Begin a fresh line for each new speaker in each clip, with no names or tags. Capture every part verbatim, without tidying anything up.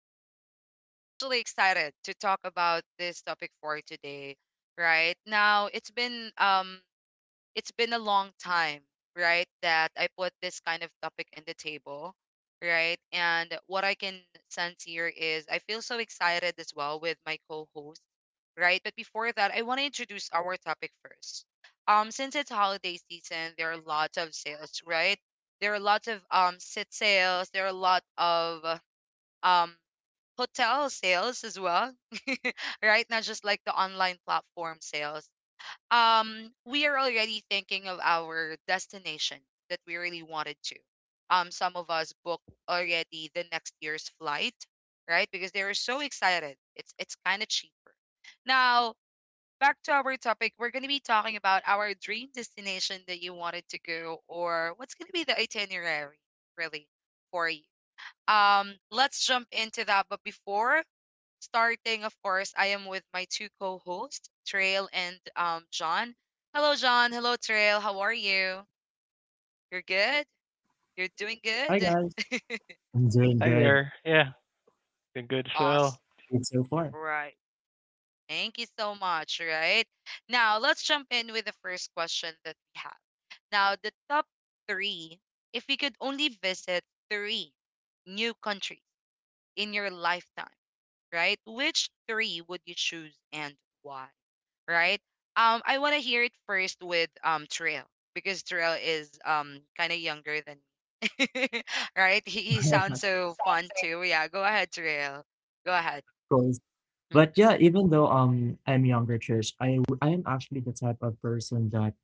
I am actually excited to talk about this topic for today. Right now, it's been um, it's been a long time, right, that I put this kind of topic in the table, right. And what I can sense here is I feel so excited as well with my co-host, right. But before that, I want to introduce our topic first. Um, since it's holiday season, there are lots of sales, right? There are lots of um sit sales. There are a lot of um hotel sales as well, right? Not just like the online platform sales. Um, we are already thinking of our destination that we really wanted to. Um, some of us booked already the next year's flight, right? Because they were so excited. It's it's kind of cheaper. Now, back to our topic, we're going to be talking about our dream destination that you wanted to go or what's going to be the itinerary really for you. Um, let's jump into that. But before starting, of course, I am with my two co-hosts, Trail and um John. Hello, John. Hello, Trail. How are you? You're good? You're doing
Hi
good?
guys, I'm doing
Hi
good
there. Yeah, been good as
Awesome.
well.
so far,
Right. Thank you so much, right? Now, let's jump in with the first question that we have. Now, the top three, if you could only visit three new countries in your lifetime, right? Which three would you choose and why? Right? Um, I want to hear it first with um Trill because Trill is um kind of younger than me, right? He, he
of
sounds so fun too. Yeah, go ahead, Trill. Go ahead.
course.
Mm.
But yeah, even though um I'm younger, Trish, I w- I am actually the type of person that,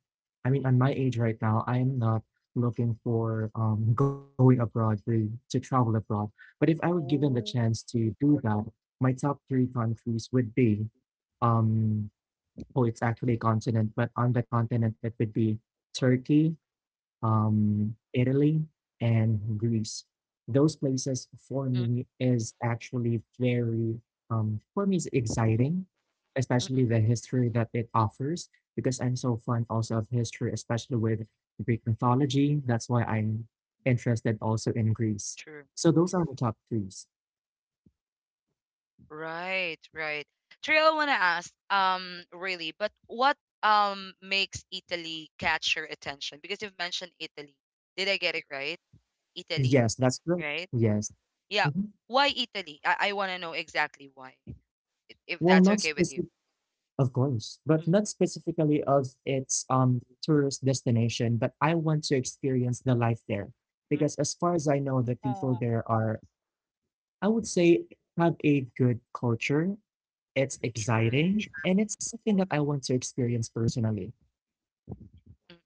I mean, at my age right now, I am not looking for um going abroad to to travel abroad. But if I were given the
Ooh,
chance to do that, my top three countries would be, um, oh, it's actually a continent, but on the continent it would be Turkey, um, Italy and Greece. Those places for
mm,
me is actually very, um, for me, is exciting,
mm,
especially
mm,
the history that it offers, because I'm so fond also of history, especially with Greek mythology. That's why I'm interested also in Greece.
true.
So those are the top threes.
Right, right. Trill, I want to ask, um, really, but what um makes Italy catch your attention? Because you've mentioned Italy. Did I get it right? Italy,
Yes, that's good.
right?
Yes.
Yeah.
Mhm.
Why Italy? I, I want to know exactly why, if
Well,
that's
not
okay with you.
specific. Of course, but
Mhm,
not specifically of its um tourist destination, but I want to experience the life there
mhm.
because as far as I know, the people
Oh,
there are, I would say, have a good culture. It's
sure.
exciting and it's something that I want to experience personally.
Mm.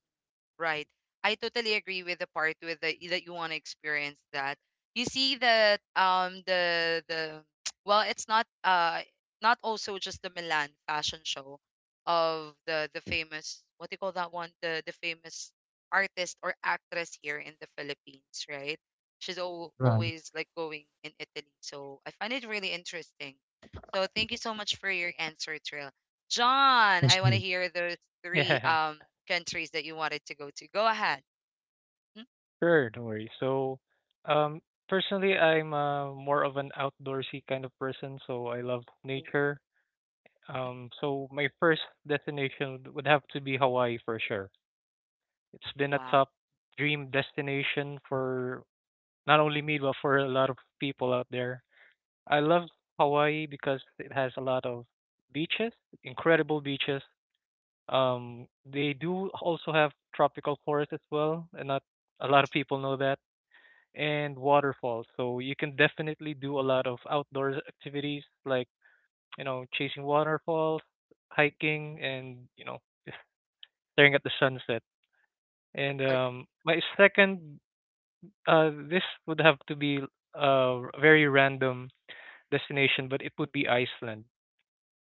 Right. I totally agree with the part, with the that you want to experience that. You see that um the the well, it's not uh not also just the Milan fashion show of the the famous, what do you call that one, the the famous artist or actress here in the Philippines, right? She's al
Right.
always like going in Italy. So I find it really interesting. So thank you so much for your answer, Trill. John, I
That's
want to
good.
hear those three
Yeah,
um countries that you wanted to go to. Go ahead. Mhm.
sure, don't worry. So, um, personally, I'm uh, more of an outdoorsy kind of person, so I love
Ooh,
nature. Um, so my first destination would would have to be Hawaii for sure. It's been a
wow.
top dream destination for not only me, but for a lot of people out there. I love Hawaii because it has a lot of beaches, incredible beaches. Um, they do also have tropical forests as well, and not a lot of people know that, and waterfalls. So you can definitely do a lot of outdoor activities like, you know, chasing waterfalls, hiking, and, you know, just staring at the sunset. And
Ag-
um, my second, uh, this would have to be uh, a very random destination, but it would be Iceland.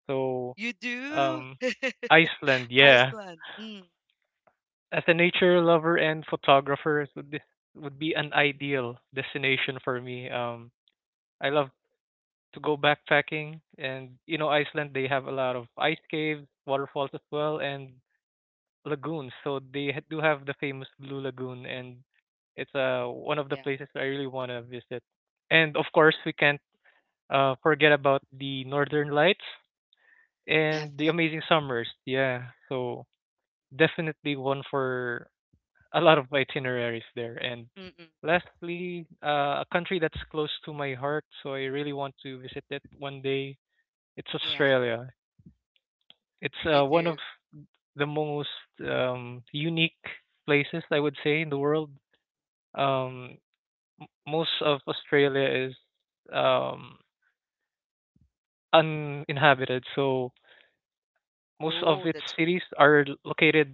So,
You do?
um, Iceland, yeah.
Iceland. Mm.
As a nature lover and photographer, it would be would be an ideal destination for me. Um, I love to go backpacking, and you know, Iceland they have a lot of ice caves, waterfalls as well, and lagoons. So they ha- do have the famous Blue Lagoon, and it's uh one of the
Yeah,
places I really want to visit. And of course, we can't uh forget about the Northern Lights and the
definitely.
amazing summers. Yeah, so definitely one for a lot of itineraries there. And
Mm-mm.
lastly, uh, a country that's close to my heart, so I really want to visit it one day. It's
Yeah,
Australia. It's
you
uh, one
do.
of the most um, unique places I would say in the world. Um, m- Most of Australia is um, uninhabited, so most of
Oh,
its
that's what.
cities are l- located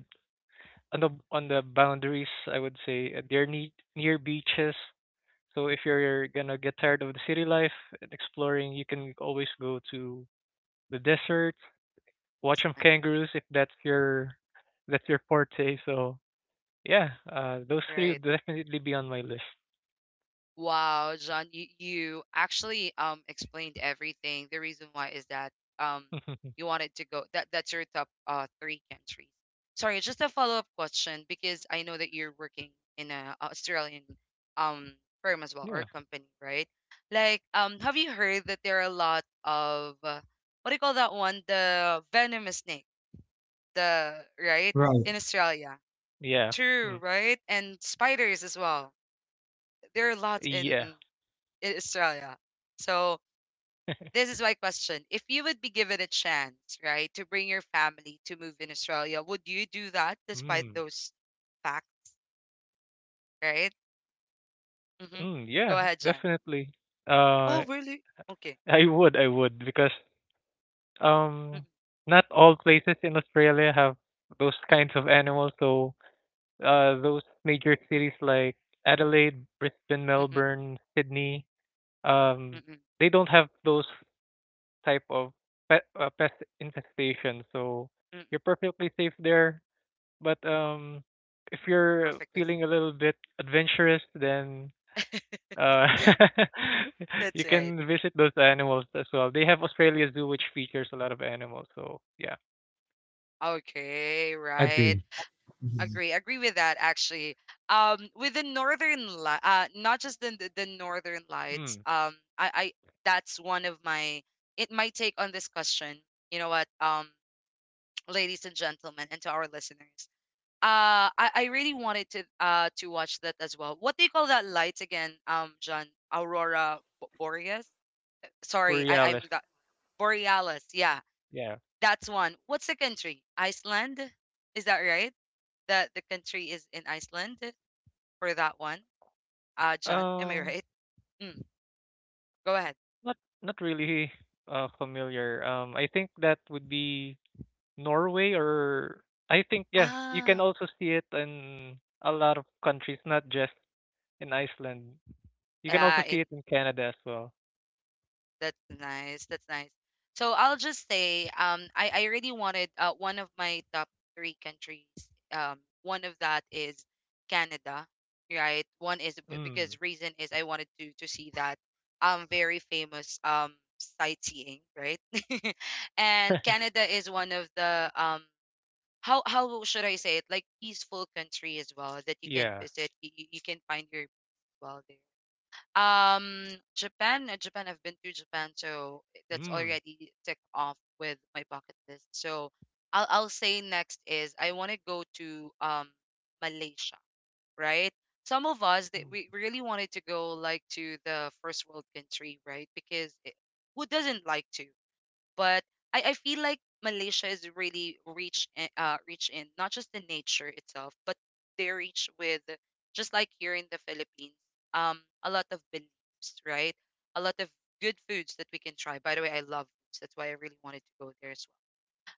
on the on the boundaries. I would say uh, they're
Mm,
ne- near beaches. So if you're gonna get tired of the city life and exploring, you can always go to the desert, watch
that's
some
nice.
kangaroos if that's your that's your forte. So yeah, uh, those three
Right.
would definitely be on my list.
Wow, John, you, you actually um explained everything. The reason why is that um you wanted to go, that that's your top uh three countries. Sorry, just a follow-up question because I know that you're working in a Australian um firm as well
Yeah,
or company, right? Like um have you heard that there are a lot of uh, what do you call that one? The venomous snake, the right, in
Right.
Australia.
yeah,
True,
mm,
right? And spiders as well. There are lots
yeah,
in in Australia. So this is my question. If you would be given a chance, right, to bring your family to move in Australia, would you do that despite
mm,
those facts, right? Mm-hmm.
mm, yeah,
Go ahead, John.
definitely. Uh,
Oh, really? Okay.
I would, I would, because
Mm-mm,
um, not all places in Australia have those kinds
mm-mm,
of animals, so uh, those major cities like Adelaide, Brisbane,
mm-mm, mm-mm,
Melbourne, Sydney, um,
mm-mm,
they don't have those type of pe- uh, pest infestation, so
mm-mm.
you're perfectly safe there. But um, if you're
Perfectly.
feeling a little bit adventurous, then uh, you
That's right.
can visit those animals as well. They have Australia Zoo, which
Mm.
features a lot of animals. So yeah,
Okay, right.
Agree.
agree
Mhm.
agree with that actually, um with the northern, li- uh not just the the the northern lights.
mm,
Um I I That's one of my, it my take on this question. You know what, um ladies and gentlemen, and to our listeners, uh i i really wanted to, uh to watch that as well. What do you call that light again, um John? Aurora Bo- boreas, sorry, i i'm
Borealis,
the borealis, yeah.
yeah.
That's one. What's the country? Iceland, is that right? That the country is in Iceland for that one. Uh, John, am I
Um.
right? Mm, go ahead.
Not not really uh familiar. Um, I think that would be Norway, or I think yeah, you can
Ah,
also see it in a lot of countries, not just in Iceland. You can
yeah,
also
and
see it in Canada as well.
that's nice. That's nice. So I'll just say, um, I, I really wanted, uh, one of my top three countries. Um, One of that is Canada, right? One is b- because
Mm.
reason is I wanted to to see that um very famous um sightseeing, right? And Canada is one of the um how how should I say it? Like peaceful country as well that you can
Yeah.
visit. You, you you can find your peace as well there. Um, Japan, uh, Japan. I've been to Japan, so eh, that's
Mm.
already ticked off with my bucket list. So I'll I'll say next is I want to go to um Malaysia, right? Some of us that
Mm.
we really wanted to go like to the first world country, right? Because it, who doesn't like to? But I, I feel like Malaysia is really rich in, uh, rich in not just the nature itself, but they're rich with, just like here in the Philippines, um, a lot of beliefs, right? A lot of good foods that we can try. By the way, I love foods. That's why I really wanted to go there as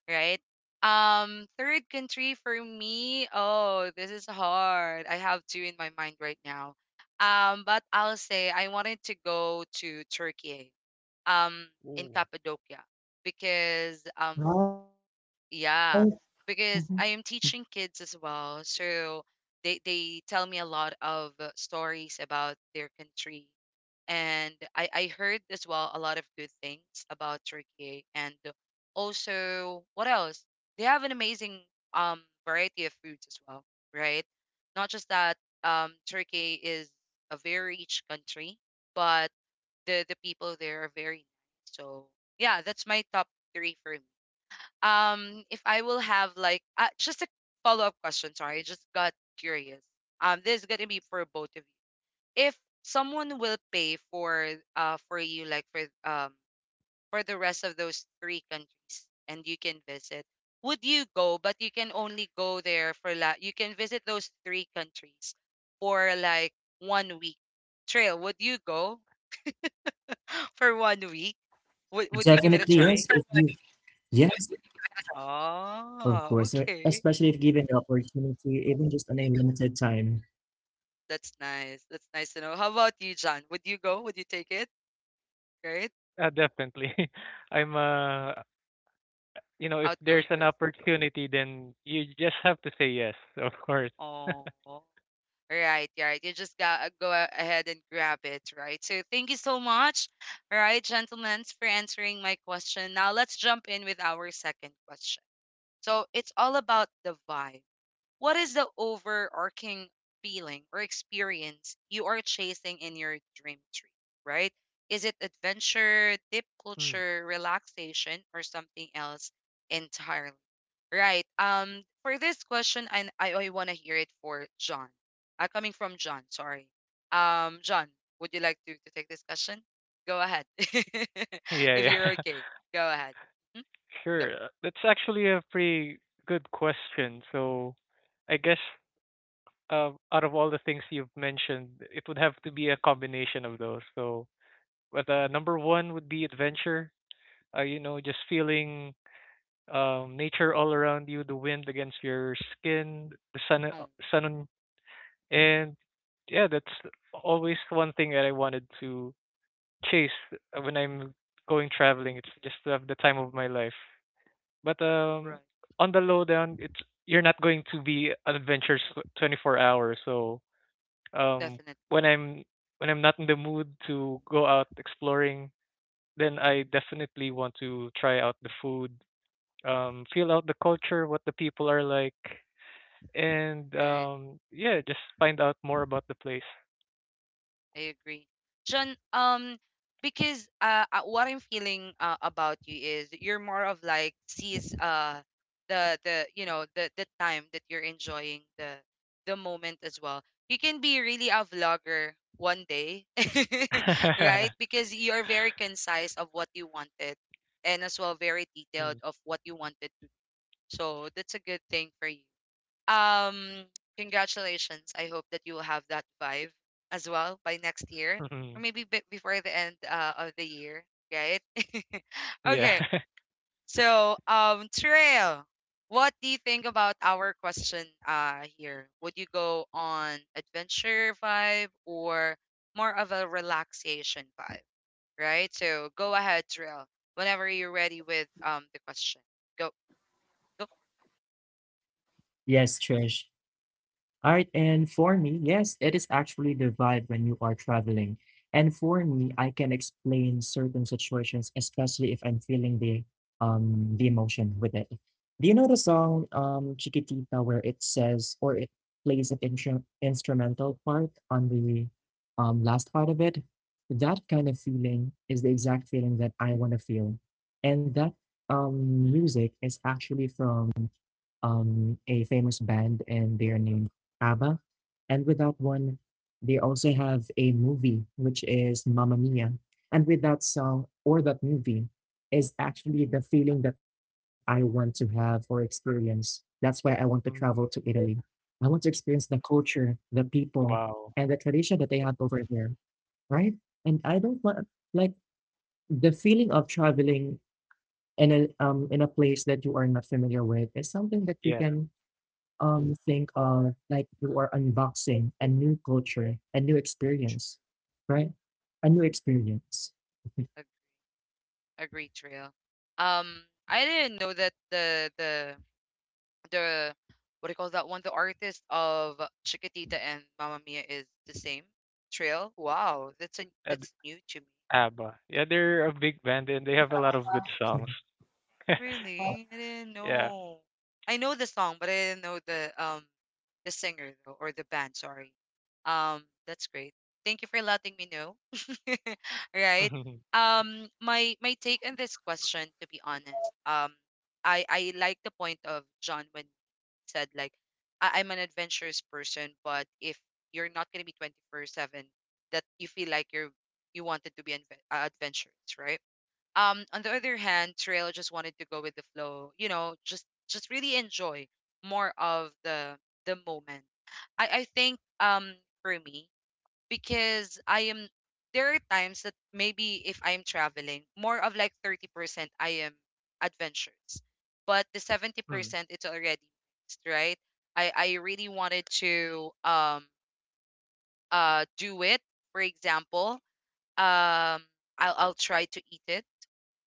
well, right? Um, third country for me. Oh, this is hard. I have two in my mind right now. Um, but I'll say I wanted to go to Turkey um in
Ooh.
Cappadocia because um
Right?
yeah,
Mhm.
because I am teaching kids as well, so they they tell me a lot of uh, stories about their country. And I I heard as well a lot of good things about Turkey. And also, what else, they have an amazing um variety of foods as well, right? Not just that, um Turkey is a very rich country, but the the people there are very nice. So yeah, that's my top three for me. Um, if I will have like uh, just a follow up question, sorry, I just got curious. Um, this is gonna be for both of you. If someone will pay for, uh for you, like, for um for the rest of those three countries and you can visit, would you go? But you can only go there for la. You can visit those three countries for like one week. Trail, would you go for one week? Would would you give it a
Definitely,
try?
yes. If you, yes, of
Ah,
course, uh,
okay.
especially if given the opportunity, even just on a limited time.
That's nice. That's nice to know. How about you, John? Would you go? Would you take it? Right?
Uh, definitely. I'm uh you know, if there's
Outgoing
an
person.
opportunity then you just have to say yes, of course.
Oh. Right, right. You just got, uh, go a- ahead and grab it, right? So thank you so much, all right, gentlemen, for answering my question. Now let's jump in with our second question. So it's all about the vibe. What is the overarching feeling or experience you are chasing in your dream trip, right? Is it adventure, deep
Mm.
culture, relaxation, or something else entirely? Right. Um, for this question, I I, I want to hear it for John. Uh, coming from John, sorry. Um, John, would you like to, to take this question? Go ahead.
Yeah,
If you're
yeah.
okay, go ahead. Mhm. Go.
Sure. uh, That's actually a pretty good question. So I guess uh, out of all the things you've mentioned, it would have to be a combination of those. So but, uh, number one would be adventure. Uh, you know, just feeling um, nature all around you, the wind against your skin, the sun, uh,
Oh,
sun, on- and yeah, that's always one thing that I wanted to chase uh, when I'm going traveling. It's just to have the time of my life. But
right.
um, on the low down, it's you're not going to be an adventure twenty-four hours. So um,
Definitely.
when I'm when I'm not in the mood to go out exploring, then I definitely want to try out the food, um, feel out the culture, what the people are like, and um, yeah, just find out more about the place.
I agree. Sean, um, because uh, uh, what I'm feeling, uh, about you is you're more of like sees uh the the you know the the time that you're enjoying the the moment as well. You can be really a vlogger one day, right? Because you're very concise of what you wanted, and as well very detailed
Mm,
of what you wanted to do. So that's a good thing for you. Um, Congratulations. I hope that you will have that vibe as well by next year, or
mhm.
maybe b- before the end, uh, of the year, right?
Yeah.
Okay, so um, Trail, what do you think about our question uh here? Would you go on adventure vibe or more of a relaxation vibe, right? So go ahead, Trail, whenever you're ready with um the question. Go, go.
Yes, Trish. Alright, and for me, yes, it is actually the vibe when you are traveling. And for me, I can explain certain situations, especially if I'm feeling the um the emotion with it. Do you know the song um Chiquitita where it says or it plays an intru- instrumental part on the um last part of it? That kind of feeling is the exact feeling that I want to feel. And that um music is actually from um, a famous band and they are named ABBA. And with that one, they also have a movie, which is Mamma Mia. And with that song or that movie is actually the feeling that I want to have or experience. That's why I want to travel to
Mm,
Italy. I want to experience the culture, the people, and
wow.
the tradition that they have over there, right? And I don't want, like, the feeling of traveling in a um in a place that you are not familiar with is something that you
Yeah.
can um think of, like you are unboxing a new culture, a new experience, right? A new experience.
Agreed, Trail. Um, I didn't know that the the the what do you call that one? The artist of Chiquitita and Mamma Mia is the same. Trail. Wow, that's a
Ad-
that's new to me.
ABBA. Yeah, they're a big band and they have a lot of good songs.
Really? I didn't
Yeah.
know. I know the song, but I didn't know the um the singer though, or the band, sorry. Um, that's great. Thank you for letting me know. Right.
Mhm.
Um, my my take on this question, to be honest, um, I I like the point of John when he said like, I, I'm an adventurous person. But if you're not gonna be twenty-four seven, that you feel like you're you wanted to be adve- uh, adventurous, right? Um on the other hand, Trail just wanted to go with the flow you know just just really enjoy more of the the moment. I i think um for me, because I am, there are times that maybe if I'm traveling, more of like thirty percent I am adventurous, but the
Mm.
seventy percent it's already mixed, right? I i really wanted to um uh do it. For example, um I'll I'll try to eat it.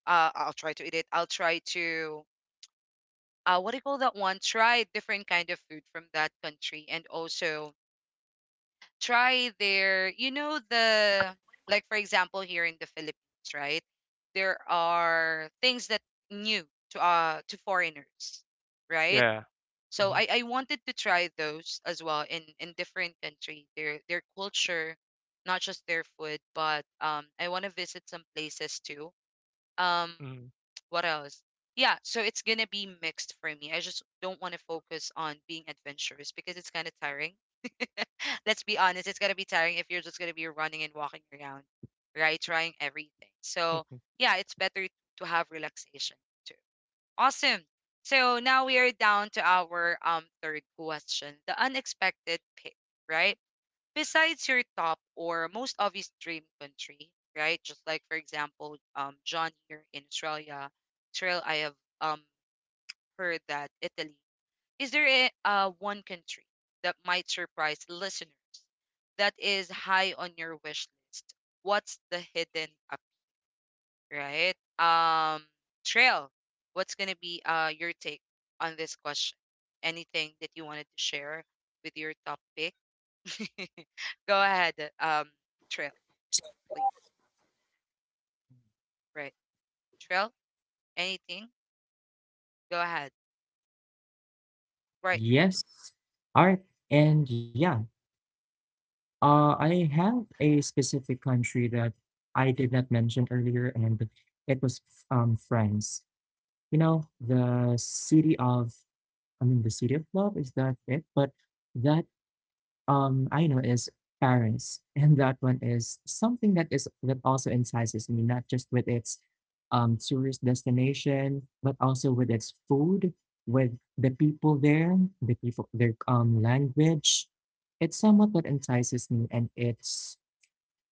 Uh, I'll try to eat it. I'll try to uh, what do you call that one? Try different kind of food from that country, and also try their, you know, the, like for example here in the Philippines, right? There are things that new to uh to foreigners, right?
Yeah.
So
Mhm.
I I wanted to try those as well, in in different country, their their culture, not just their food, but um I want to visit some places too. um
Mm.
what else? Yeah, so it's gonna be mixed for me. I just don't want to focus on being adventurous because it's kind of tiring. Let's be honest, it's gonna be tiring if you're just gonna be running and walking around, right, trying everything. So
Mhm.
yeah, it's better to have relaxation too. Awesome. So now we are down to our um third question, the unexpected pick, right? Besides your top or most obvious dream country, right? Just like for example, um, John here in Australia, Trail, I have um heard that Italy. Is there a uh, one country that might surprise listeners that is high on your wish list? What's the hidden up, right? Um, Trail, what's gonna be uh your take on this question? Anything that you wanted to share with your top pick? Go ahead, um, Trail, please. Right. Trail? Anything? Go ahead. Right.
Yes. All right. And yeah, uh, I have a specific country that I did not mention earlier, and it was um France. You know, the city of, I mean, the city of love, is that it? But that um I know is Paris, and that one is something that is that also entices me, not just with its um tourist destination, but also with its food, with the people there, the people their um language. It's somewhat what entices me, and it's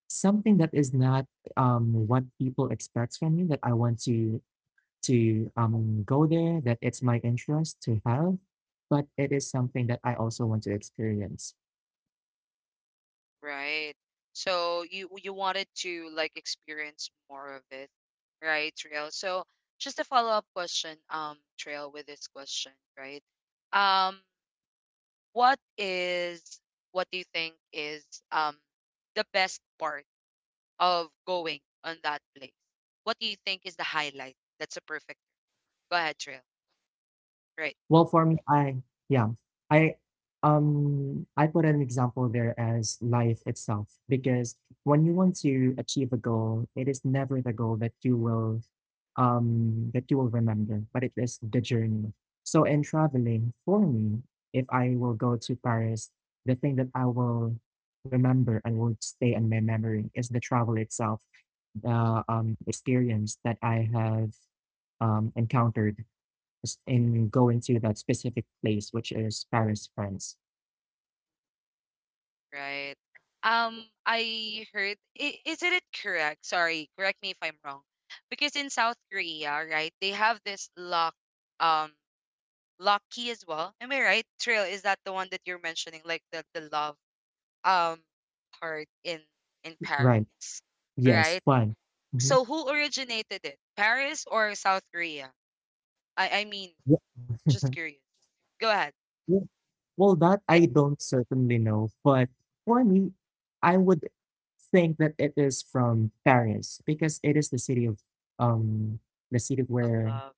something that is not um what people expect from me that I want to to um go there, that it's my interest to have, but it is something that I also want to experience.
Right. So you you wanted to like experience more of it, right, Trail? So just a follow-up question, um, Trail, with this question, right? Um, what is, what do you think is um the best part of going on that place? What do you think is the highlight? That's a perfect. Go ahead, Trail. Right.
Well, for me, I yeah, I um I put an example there as life itself because when you want to achieve a goal, it is never the goal that you will um that you will remember, but it is the journey. So in traveling, for me, if I will go to Paris, the thing that I will remember and will stay in my memory is the travel itself, the um experience that I have um encountered and going to that specific place, which is Paris, France.
Right. Um, I heard, i- isn't it correct? Sorry, correct me if I'm wrong. Because in South Korea, right, they have this lock, um, lock key as well. Am I right? Trail, is that the one that you're mentioning, like the the love, um, part in in Paris,
Right. Yes,
right?
fun. Mhm.
So who originated it? Paris or South Korea? I I mean,
Yeah.
just curious. Go ahead.
Well, well, that
Yeah.
I don't certainly know, but for me, I would think that it is from Paris because it is the city of um the city
Of
where
love.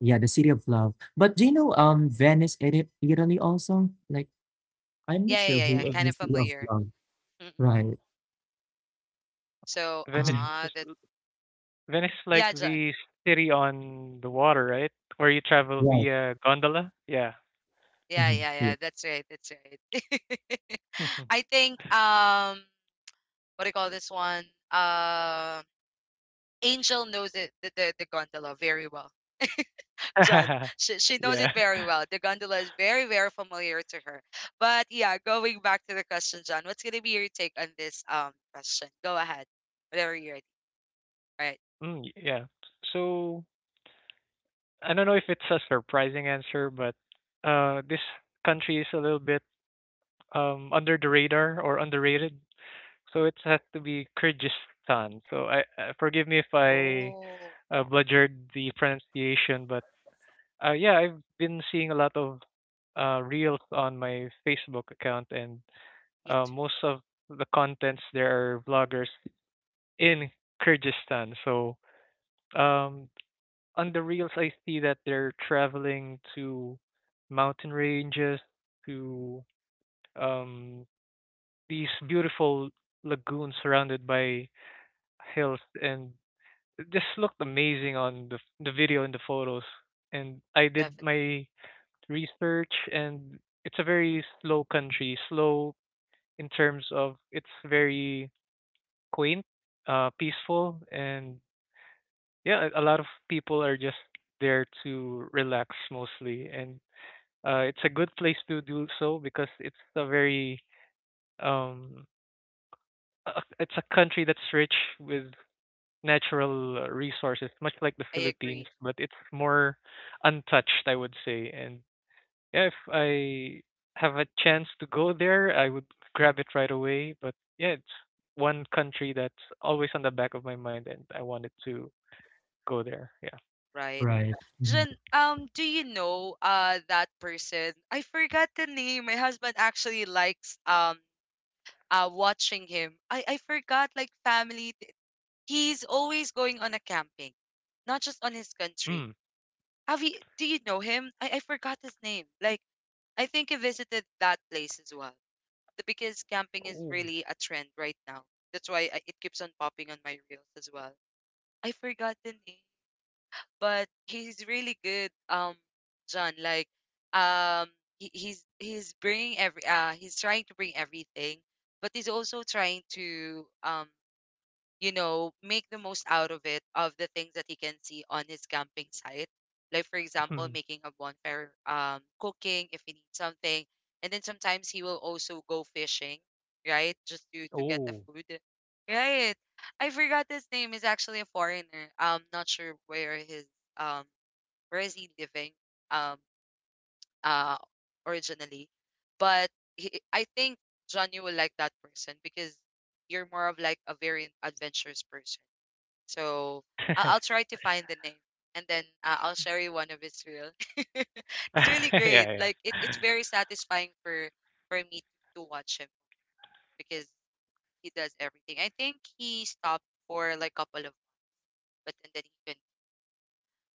yeah, the city of love. But do you know um Venice, Ita- Italy also? Like I'm not
Yeah, yeah,
sure
yeah,
who
yeah.
is
Mm.
Kind
the
of
city of
familiar.
love.
Mm-mm.
Right.
So,
Venice
Mhm.
ah,
is
that's
Venice is like
yeah, John.
the city on the water, right? Where you travel
Right.
via gondola? Yeah.
Yeah,
Mhm.
yeah, yeah.
Yeah.
That's right. That's right.
Mhm.
I think um what do you call this one? Uh Angel knows it, the, the, the gondola very well. John, she, she knows it
Yeah.
very well. The gondola is very, very familiar to her. But yeah, going back to the question, John, what's gonna be your take on this um question? Go ahead. Whatever you're ready. All right.
Mm, y- yeah. So I don't know if it's a surprising answer, but uh, this country is a little bit um under the radar or underrated. So it has to be Kyrgyzstan. So I uh, forgive me if I
Oh,
uh, bludgered the pronunciation, but uh, yeah, I've been seeing a lot of uh, reels on my Facebook account, and
me
uh,
too.
most of the contents there are vloggers in Kyrgyzstan. So um, on the reels, I see that they're traveling to mountain ranges, to um, these beautiful lagoons surrounded by hills, and it just looked amazing on the the video and the photos. And I did
Definitely.
my research, and it's a very slow country, slow in terms of it's very quaint, uh, peaceful, and yeah, a a lot of people are just there to relax mostly, and uh, it's a good place to do so because it's a very um, a- a- it's a country that's rich with natural uh, resources, much like the
I
Philippines,
agree,
but it's more untouched, I would say. And yeah, if I have a chance to go there, I would grab it right away. But yeah, it's one country that's always on the back of my mind, and I wanted to go there. Yeah.
right?
Right. Mhm.
Jen, um, do you know uh that person? I forgot the name. My husband actually likes um uh watching him. I I forgot like family. th- He's always going on a camping, not just on his country.
Mm.
Have you? Do you know him? I I forgot his name. Like I think he visited that place as well. The- Because camping is
Oh.
really a trend right now. That's why I, it keeps on popping on my reels as well. I forgot the name. But he's really good. um John, like, um he, he's he's bringing every uh he's trying to bring everything, but he's also trying to um you know, make the most out of it, of the things that he can see on his camping site. Like, for example,
Mm.
making a bonfire, um, cooking if he needs something. And then sometimes he will also go fishing, right? Just to, to get the
Oh.
food. Right. I forgot his name. He's actually a foreigner. I'm not sure where his, um, where is he living, um, uh, originally. But he, I think Johnny will like that person because you're more of like a very adventurous person. So I'll, I'll try to find the name, and then uh, I'll share you one of his reel. It's really
Yeah.
great.
Yeah.
Like it, it's very satisfying for for me to, to watch him because he does everything. I think he stopped for like a couple of months, but and then he couldn't.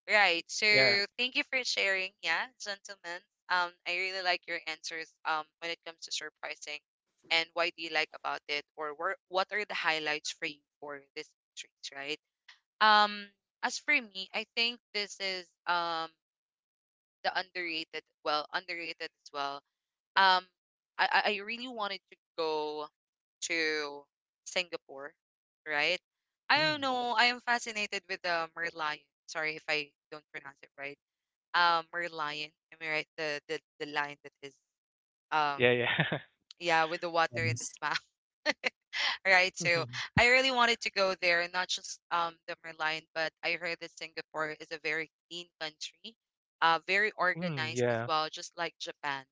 Right. So
Yeah.
thank you for sharing. Yeah, gentlemen. Um, I really like your answers. Um, when it comes to surprising, and why do you like about it, or where, what are the highlights for you for this series, right? Um, as for me, I think this is um the underrated, well, underrated as well. Um, I I I really wanted to go to Singapore, right? I
Mm.
don't know. I am fascinated with the Merlion. Sorry if I don't pronounce it right. Um, Merlion. Am I right? The the the lion that is um
Yeah. Yeah.
yeah, with the water in
Yes.
its mouth. Right. So I really wanted to go there, not just um the Merlion, but I heard that Singapore is a very clean country, uh, very
Mm.
organized as
Yeah.
well, just like Japan,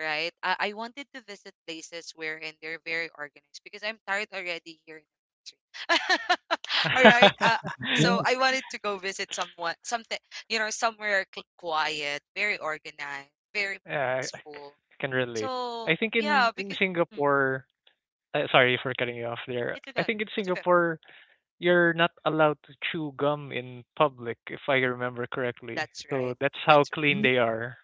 right? I, I wanted to visit places wherein they're very organized because I'm tired already here in the country. All right. Uh, uh, so
Right.
I wanted to go visit someone, something, you know, somewhere cl- quiet, very organized, very
Yeah, I I
peaceful.
can relate. I
So
think in
yeah,
in
because mm,
Singapore, uh, sorry for cutting you off there.
it's
I
okay.
think in
It's okay.
Singapore, you're not allowed to chew gum in public, if I remember correctly.
That's
So
right.
that's how
That's right.
clean they are.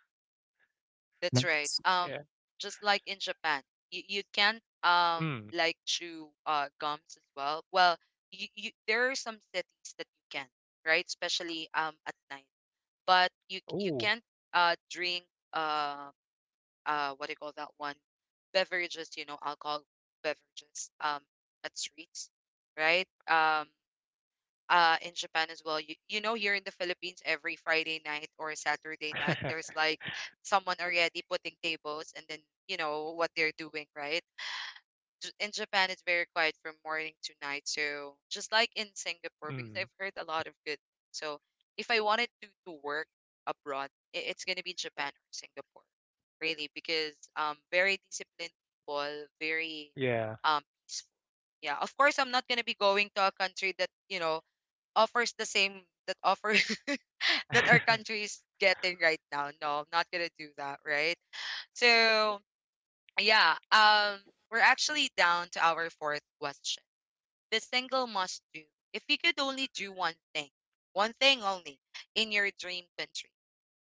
That's right.
Nice.
Um,
Yeah.
just like in Japan, you, you can't um
Mm.
like chew uh gums as well. Well, you, you there are some cities that you can, right? Especially um at night. But you you
Ooh.
can't uh drink uh uh what do you call that one? Beverages, you know, alcohol beverages um at streets, right? Um uh in Japan as well. You, you know, here in the Philippines every Friday night or Saturday night there's like someone already putting tables and then you know what they're doing, right? J- In Japan it's very quiet from morning to night. So just like in Singapore, because
Mm.
I've heard a lot of good things. So if I wanted to to work abroad, i- it's going to be Japan or Singapore, really, because um very disciplined people, very
Yeah.
um peaceful. Yeah, of course I'm not going to be going to a country that, you know, offers the same, that offer that our country is getting right now. No, I'm not gonna do that, right? So yeah, um, we're actually down to our fourth question. The single must do. If you could only do one thing, one thing only, in your dream country,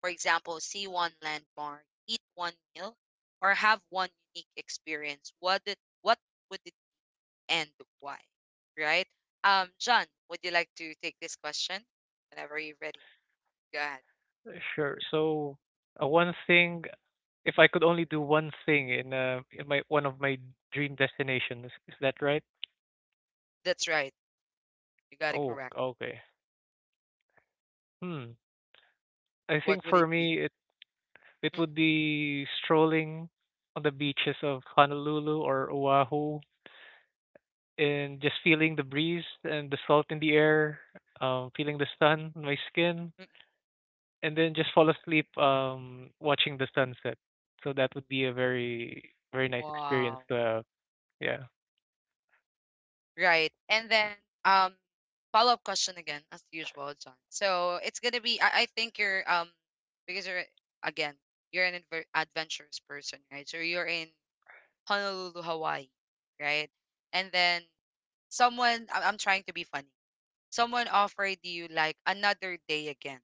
for example, see one landmark, eat one meal, or have one unique experience, what did, what would it and why? Right? Um, John, would you like to take this question whenever you're ready? God.
Sure. So, uh, one thing, if I could only do one thing in uh in my one of my dream destinations, is that right?
That's right. You got it
Oh,
correct.
okay. Hmm. I
What
think
would
for
it be?
me, it it
Mm,
would be strolling on the beaches of Honolulu or Oahu and just feeling the breeze and the salt in the air, um, feeling the sun on my skin,
mm,
and then just fall asleep um, watching the sunset. So that would be a very, very nice experience
wow.
to have. Yeah.
Right. And then um follow-up question again, as usual, John. So it's gonna be I, I think you're um because you're again, you're an adver- adventurous person, right? So you're in Honolulu, Hawaii, right? And then someone, I- I'm trying to be funny. Someone offered you like another day again,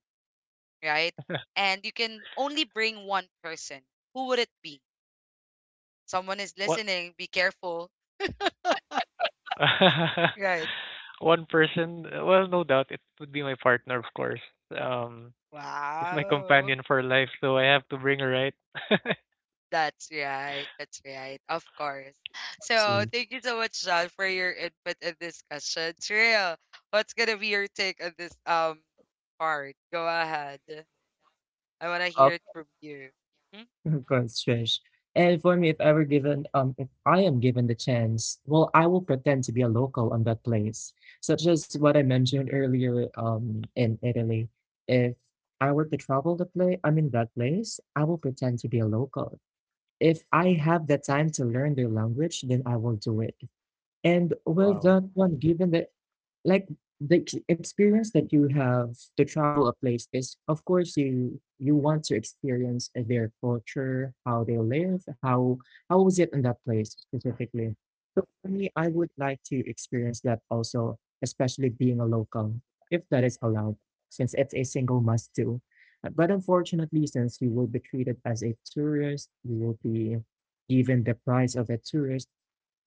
right? And you can only bring one person. Who would it be? Someone is
What?
listening. Be careful. Right.
One person, uh, well, no doubt it would be my partner, of course. Um, she's my
Wow.
companion for life, so I have to bring her right.
That's right. That's right. Of course. So
See,
thank you so much, John, for your input and discussion. Trill, what's gonna be your take on this um part? Go ahead. I wanna
uh,
hear it from you. Mhm.
Congrats, Trish. And for me, if ever given, um, if I am given the chance, well, I will pretend to be a local on that place, such as what I mentioned earlier, um, in Italy. If I were to travel the place, I mean that place, I will pretend to be a local. If I
Mm.
have the time to learn their language, then I will do it. And with
Wow.
that one, given the, like, the ex- experience that you have to travel a place is, of course, you you want to experience their culture, how they live, how how is it in that place specifically. So for me, I would like to experience that also, especially being a local, if that is allowed, since it's a single must do Uh, but unfortunately, since you will be treated as a tourist, you will be given the price of a tourist,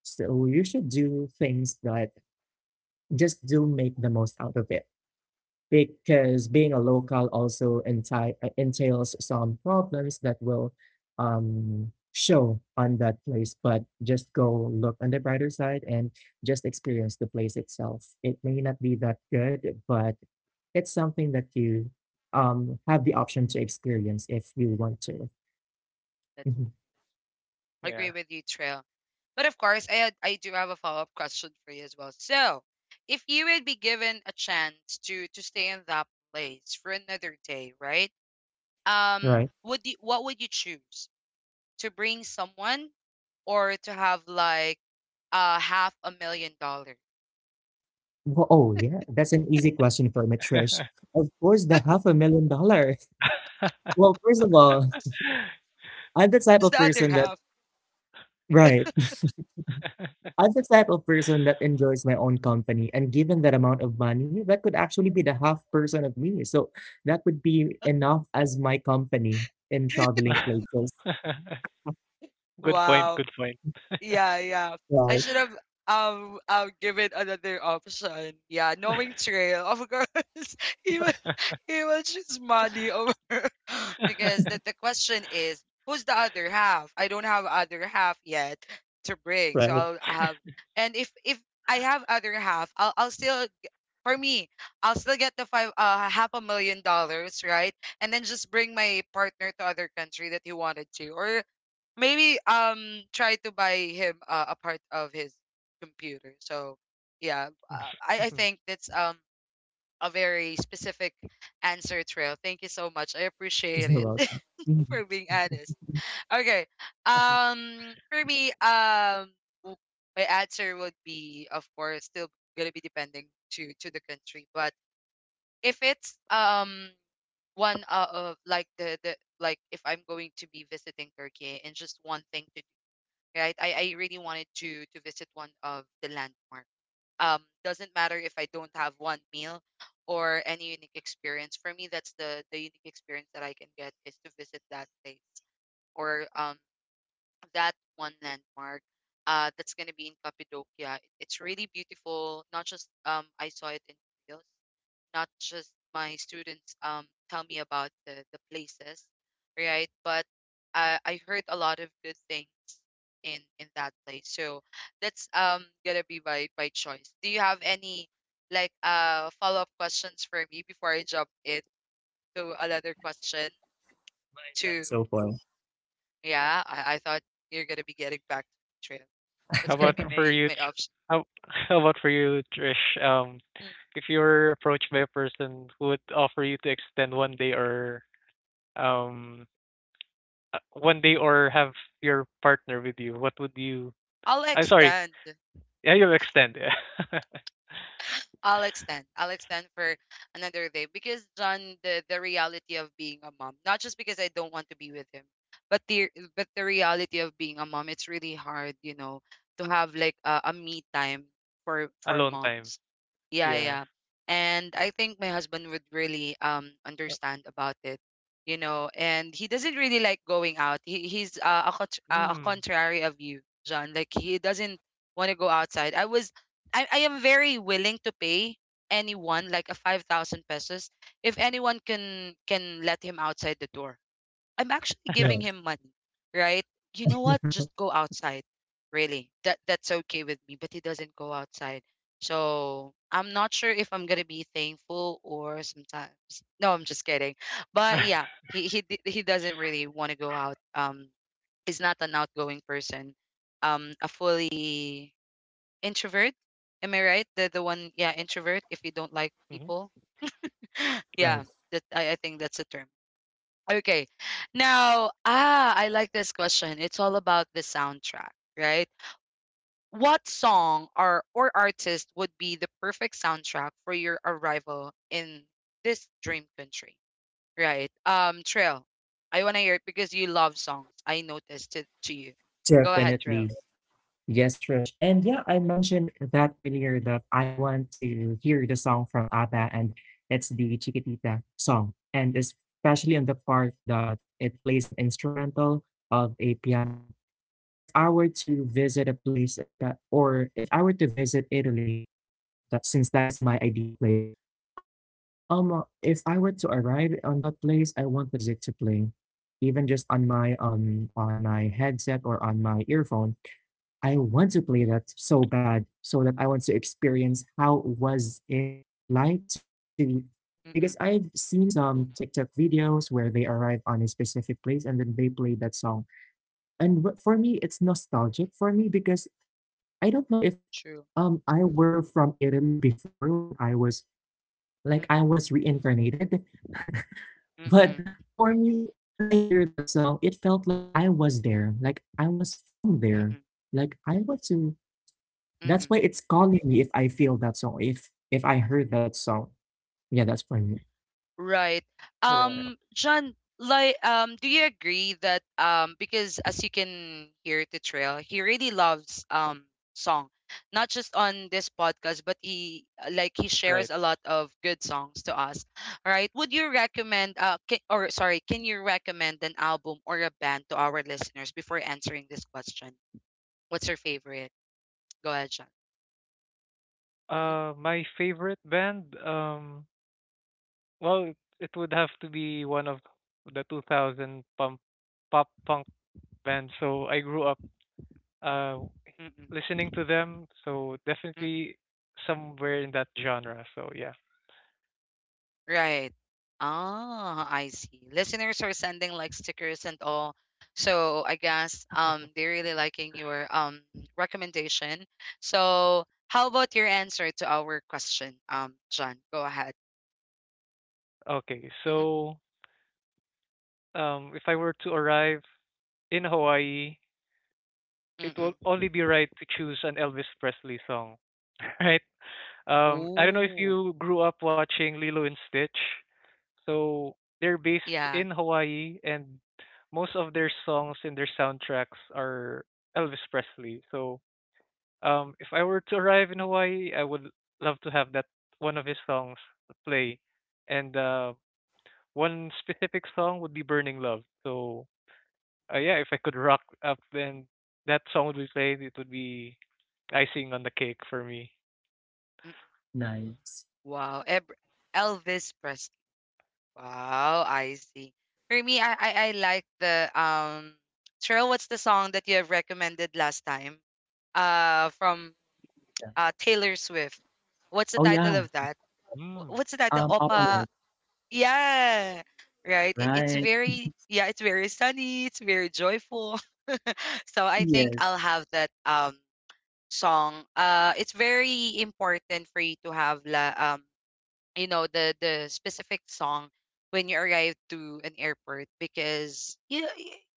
so you should do things that just do make the most out of it, because being a local also enti- uh, entails some problems that will um, show on that place. But just go look on the brighter side and just experience the place itself. It may not be that good, but it's something that you um, have the option to experience if you want to.
That's
Mhm.
I
Yeah.
agree with you, Trill. But of course, I had, I do have a follow up question for you as well. So, if you would be given a chance to to stay in that place for another day, right? um
Right.
would you, what would you choose, to bring someone or to have like uh half a million dollars,
Wh- oh yeah, that's an easy question for me, Trish. Of course, the half a million dollars. Well, first of all, I'm the type
is
of
the other
person that,
half?
right. I'm the type of person that enjoys my own company. And given that amount of money, that could actually be the half person of me. So that would be enough as my company in traveling places.
Good point.
Wow.
Good point.
Yeah, yeah, I
Right,
should have, um I'll give it another option. Yeah, knowing Trail, of course, he will, he will choose money over, because the, the question is who's the other half? I don't have other half yet to bring. So
right.
I'll have, and if if I have other half, I'll I'll still, for me, I'll still get the five uh half a million dollars, right? And then just bring my partner to other country that he wanted to, or maybe um try to buy him uh, a part of his computer. So yeah, uh, I I think that's um a very specific answer, Trail. Thank you so much. I appreciate
You're
it.
welcome. Mhm.
For being honest. Okay, um for me, um w- my answer would be, of course, still gonna be depending to to the country, but if it's um one uh, of like the the, like if I'm going to be visiting Turkey, and just one thing to do, right? I I really wanted to to visit one of the landmark. Um, doesn't matter if I don't have one meal or any unique experience. For me, that's the the unique experience that I can get, is to visit that place or um that one landmark. Uh, that's gonna be in Cappadocia. It's really beautiful. Not just um I saw it in reels, not just my students um tell me about the, the places, right? But I I heard a lot of good things in in that place. So that's um gonna be by by choice. Do you have any like uh follow-up questions for me before I jump in to another question?
And
To
so forth.
Yeah, I, I thought you're gonna be getting back to me, Trail.
How
What's gonna
about
be
for
my
you?
my
Tr-
option?
How how about for you, Trish? Um,
Mm,
if you were approached by a person who would offer you to extend one day or um uh, one day or have your partner with you, what would you?
I'll
I'm sorry.
extend.
Yeah, you'll extend. Yeah.
I'll extend. I'll extend for another day because, John, the the reality of being a mom, not just because I don't want to be with him, but the but the reality of being a mom, it's really hard, you know, to have like a, a me time for for
Alone time.
moms. Yeah,
Yeah.
yeah. And I think my husband would really um
Uh,
understand about it, you know, and he doesn't really like going out. He he's uh, a contr- uh, a
mm.
contrary of you, John. Like he doesn't want to go outside. I was I, I am very willing to pay anyone like a five thousand pesos if anyone can can let him outside the door. I'm actually giving
Right,
him money, right? You know what, just go outside, really. That that's okay with me, but he doesn't go outside. So I'm not sure if I'm gonna be thankful or sometimes, no, I'm just kidding. But yeah, he he, d- he doesn't really want to go out. Um he's not an outgoing person, um a fully introvert. Am I right? The the one, yeah, introvert. If you don't like
Mhm.
people,
right.
yeah, that I, I think that's a term. Okay, now ah, I like this question. It's all about the soundtrack, right? What song or or artist would be the perfect soundtrack for your arrival in this dream country, right? Um, Trail, I want to hear it because you love songs. I noticed to to you. Go ahead, Trail.
Definitely. Yes, Trish. And yeah, I mentioned that earlier that I want to hear the song from ABBA and it's the Chiquitita song. And especially on the part that it plays an instrumental of a piano. If I were to visit a place, espe- or if I were to visit Italy, that since that is my ideal place, um, uh, if I were to arrive on that place, I want that music to play, even just on my um on my headset or on my earphone.
Mm-mm,
I want to play that so bad so that I want to experience how was it like to, because I've
mm-mm,
seen some TikTok videos where they arrive on a specific place and then they play that song. And wh- for me, it's nostalgic for me because I don't know if
true.
um I were from Italy before when I was, like,
Mm-mm,
I was reincarnated, but
mm-mm,
for me, when I hear that song, it felt like I was there, like I was from there,
mm-mm,
like I want to. That's
mm-mm.
why it's calling me, if I feel that song, if if I heard that song. Yeah, that's for me.
Right.
Right.
Um, John, like, um, do you agree that um, because as you can hear the Trail, he really loves um song, not just on this podcast, but he uh, like he
Right.
shares a lot of good songs to us, right? Would you recommend uh, can, or sorry, can you recommend an album or a band to our listeners before answering this question? What's your favorite? Go ahead, John.
Uh, my favorite band. Um, Well, it it would have to be one of the two thousand pump, pop punk bands. So I grew up uh,
Mm-hmm.
listening to them. So definitely somewhere in that genre. So yeah.
Right. Ah, I see. Listeners are sending like stickers and all. So I guess um they're really liking your um recommendation. So how about your answer to our question? Um, John, go ahead.
Okay.
Mm-hmm.
So um, if I were to arrive in Hawaii, it will
Mm-mm.
only be right to choose an Elvis Presley song, right? Um, I don't know if
Ooh,
you grew up watching Lilo and Stitch. So they're based
yeah.
in Hawaii, and most of their songs and their soundtracks are Elvis Presley. So um, if I were to arrive in Hawaii, I would love to have that one of his songs play, and uh, one specific song would be "Burning Love." So uh, yeah, if I could rock up, then that song would be played. It would be icing on the cake for me.
Mm-mm.
Nice.
Wow. Eb- Elvis Presley. Wow, I see. For me, I, I I like the um Cheryl, what's the song that you have recommended last time? Uh, from
Yeah.
uh Taylor Swift. What's the
Oh yeah.
title of that? Wh-
Mm,
What's the title?
Um,
Opa.
Opalite,
Yeah. Right. It, it's
right?
very yeah, it's very sunny, it's very joyful. So I think
Yes.
I'll have that um song. Uh, it's very important for you to have la um you know the the specific song when you arrive to an airport, because you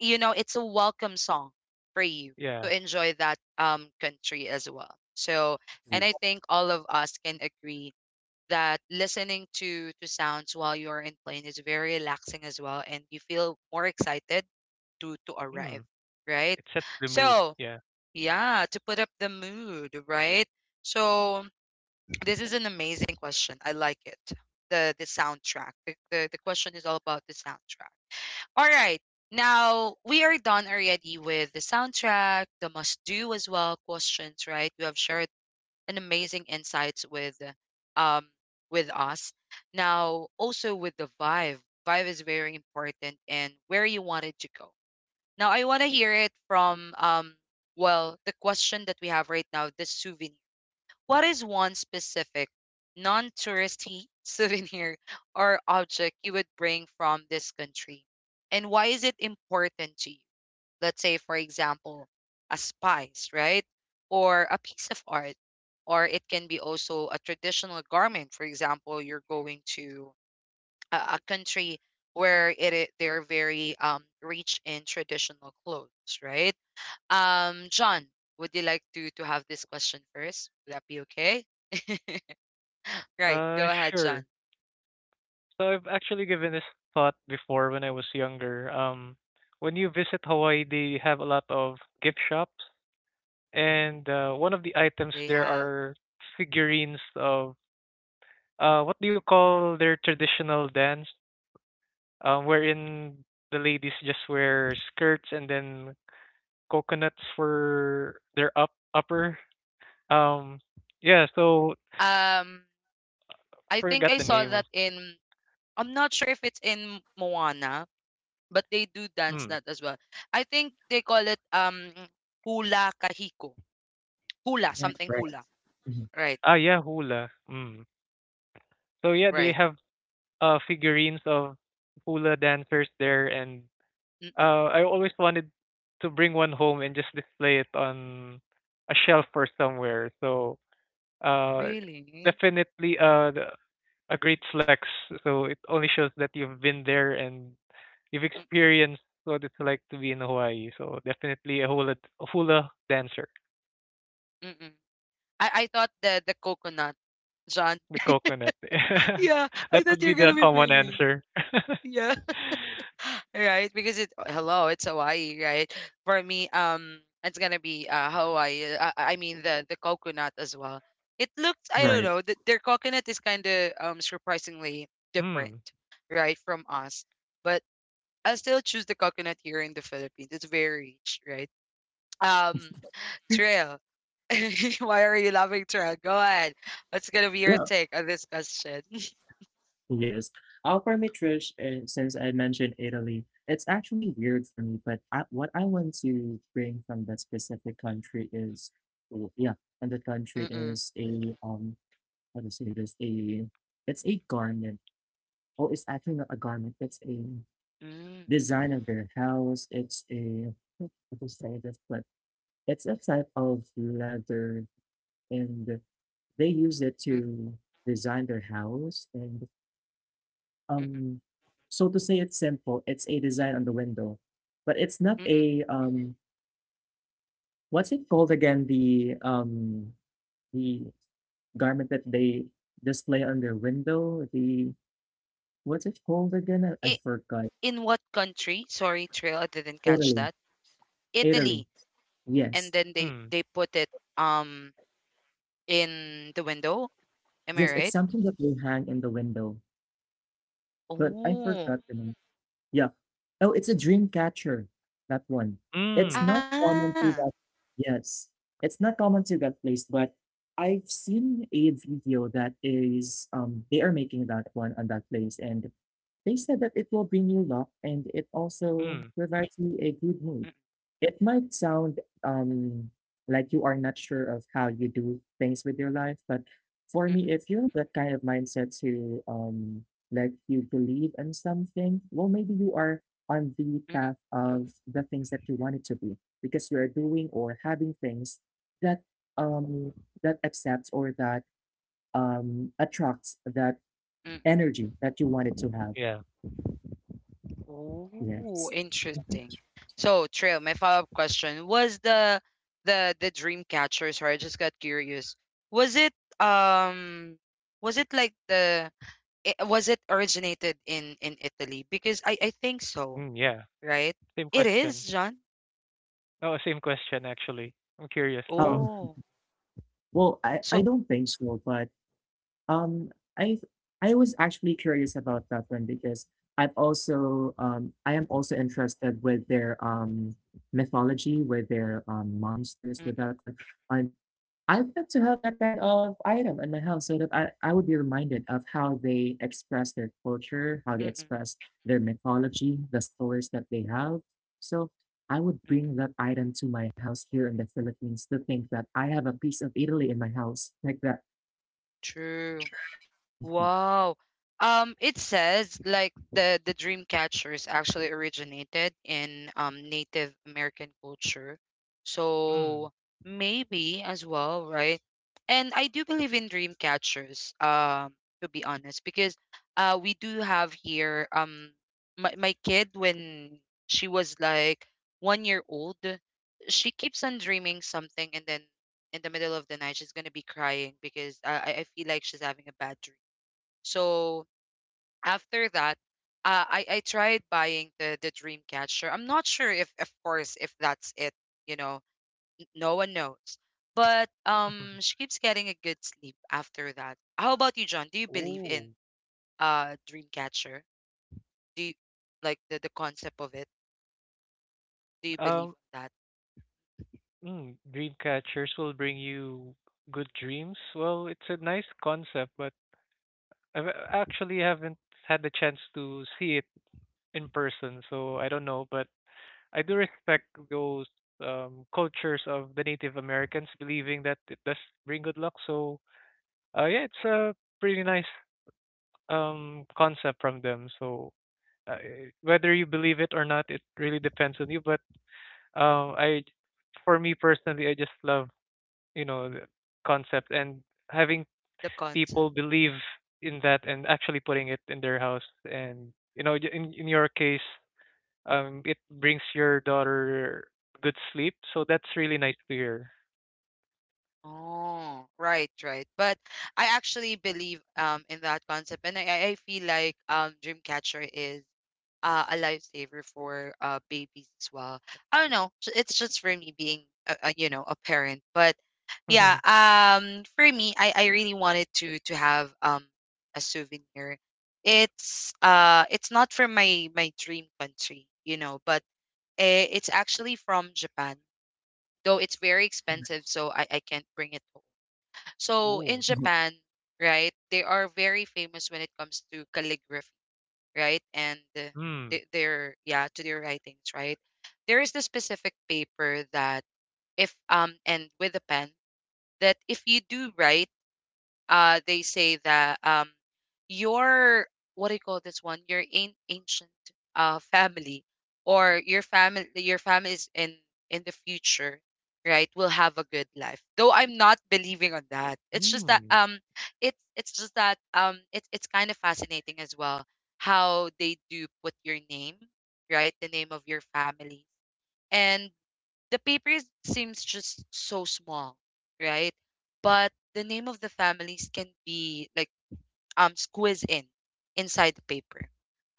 you know it's a welcome song for you to
yeah.
enjoy that um country as well. So, and I think all of us can agree that listening to to sounds while you're in plane is very relaxing as well, and you feel more excited to to
Hmm.
arrive, right?
It sets the mood,
So
yeah.
yeah, to put up the mood, right? So this is an amazing question. I like it. The the soundtrack. The, the, the question is all about the soundtrack. All right. Now we are done already with the soundtrack, the must do as well questions, right? You have shared an amazing insights with um with us. Now also with the vibe. Vibe is very important and where you wanted to go. Now I wanna hear it from um well, the question that we have right now, the souvenir. What is one specific non touristy souvenir or object you would bring from this country? And why is it important to you? Let's say, for example, a spice, right? Or a piece of art. Or it can be also a traditional garment. For example, you're going to a, a country where it, i- they're very, um, rich in traditional clothes, right? Um, John, would you like to to have this question first? Would that be okay? Right.
Uh,
Go ahead, John.
sure. So I've actually given this thought before when I was younger. Um, when you visit Hawaii, they have a lot of gift shops, and uh, one of the items
They
there
have.
are figurines of uh, what do you call their traditional dance, um, wherein the ladies just wear skirts and then coconuts for their up upper. Um, yeah. So
Um, I think
forgot
I
the
saw that
name.
in. I'm not sure if it's in Moana, but they do dance
Hmm.
that as well. I think they call it um hula kahiko, hula
Yeah.
something
Right.
hula.
Mhm.
Right.
Ah, yeah, hula. Mm, so yeah, they
Right.
have uh figurines of hula dancers there, and
Mm-mm.
uh I always wanted to bring one home and just display it on a shelf or somewhere. So uh
Really? Mm-mm,
definitely uh the- a great flex. So it only shows that you've been there and you've
mm.
experienced what it's like to be in Hawaii. So definitely a hula a hula dancer,
Mm-mm. I I thought the the coconut. John?
the coconut.
Yeah. I
That
thought
would be
you're going
the
to be
common
bringing.
answer.
Right? Because it, hello, it's Hawaii, right? For me, um, it's gonna be uh Hawaii. Uh, I mean the the coconut as well. It looks, I don't
Right.
know, that their coconut is kind of um surprisingly different,
Mm,
right, from us. But I still choose the coconut here in the Philippines. It's very rich, right? Um, Trail, why are you laughing, Trail? Go ahead. What's gonna be
Yeah.
your take on this question?
Yes. Uh, for me, Trish, uh, since I mentioned Italy, it's actually weird for me, but I, what I want to bring from that specific country is, oh yeah, and the country
Mm-mm.
is a, um, how to say this? A, it's a garment. Oh, it's actually not a garment. It's a
Mm,
design of their house. It's a, how to say this, but it's a type of leather, and they use it to
mm-mm.
design their house. And
Mm-mm.
um, so to say, it's simple. It's a design on the window, but it's not
Mm-mm.
a, um. What's it called again? The um the garment that they display on their window. The, what's it called again? I, I forgot.
In what country? Sorry, Trail, I didn't catch
Italy.
that.
Italy.
Italy. And
Yes.
then they
mm,
they put it um in the window. Am I
Yes, it's
right?
something that will hang in the window. But I
Oh.
forgot the name. Yeah. Oh, it's a dream catcher. That one. It's
mm.
not common
Ah.
to that. Yes, it's not common to that place, but I've seen a video that is um they are making that one on that place, and they said that it will bring you luck and it also
Mm,
provides you a good
Mm,
mood. It might sound um like you are not sure of how you do things with your life, but for
mm,
me, if you have that kind of mindset to um like you believe in something, well, maybe you are on the
mm,
path
mm,
of the things that you want it to be, because you are doing or having things that um that accepts or that um attracts that
mm, mm.
energy that you wanted to have.
yeah.
Oh,
Yes.
interesting. So, Trail, my follow-up question was the the the dream catcher. Sorry, I just got curious. Was it um was it like the i- was it originated in in Italy? Because I I think so,
Mm, yeah.
right?
Same
It is,
question.
John.
Oh, same question actually. I'm curious as well.
Um,
Oh,
well, I, I
so
don't think so, but um, I I was actually curious about that one because I've also um I am also interested with their um mythology, with their um monsters, with
mm-mm,
that one. I I would love to have that kind of item in my house so that I, I would be reminded of how they express their culture, how they
mm-mm,
express their mythology, the stories that they have. So I would
mm-mm.
bring that item to my house here in the Philippines to think that I have a piece of Italy in my house like that.
True.
Mhm.
Wow. Um, it says like the the dream catchers actually originated in um Native American culture.
Mm.
So maybe as well, right? And I do believe in dream catchers, um, to be honest, because uh, we do have here um my, my kid when she was like one year old, she keeps on dreaming something, and then in the middle of the night she's gonna be crying, because I, I I feel like she's having a bad dream. So after that, uh, I I tried buying the the dreamcatcher. I'm not sure if, of course, if that's it. You know, n- no one knows. But um, she keeps getting a good sleep after that. How about you, John? Do you believe in
Ooh.
uh dreamcatcher? Do you like the the concept of it? Do you believe
Um,
in that?
mm, dream catchers will bring you good dreams. Well, it's a nice concept, but I have actually haven't had the chance to see it in person, so I don't know, but I do respect those um cultures of the Native Americans believing that it does bring good luck. So, uh, yeah, it's a pretty nice um concept from them. So uh, whether you believe it or not, it really depends on you. But um, I, for me personally, I just love you know the concept and having
The concept.
people believe in that and actually putting it in their house. And you know, j- in in your case, um, it brings your daughter good sleep. So that's really nice to hear.
Oh, right, right. But I actually believe um in that concept, and I I I feel like um dreamcatcher is uh, a lifesaver for uh babies as well. I don't know. j- It's just for me being a, a, you know, a parent, but yeah. Um, for me, I I really wanted to to have um a souvenir. It's uh, it's not from my my dream country, you know, but eh, it's actually from Japan. Though it's very expensive, so I I can't bring it home. So
Ooh.
in Japan, right, they are very famous when it comes to calligraphy, right? And uh,
Hmm.
th- their, yeah, to their writings, right? There is this specific paper that if um and with a pen, that if you do write uh they say that um your, what do you call this one, your an- ancient uh family, or your family, your family is in in the future, right, will have a good life. Though I'm not believing on that. It's just that
Hmm.
um it's it's just that um it's it's kind of fascinating as well, how they do put your name, right, the name of your family, and the paper seems just so small, right? But the name of the families can be like um squeezed in inside the paper.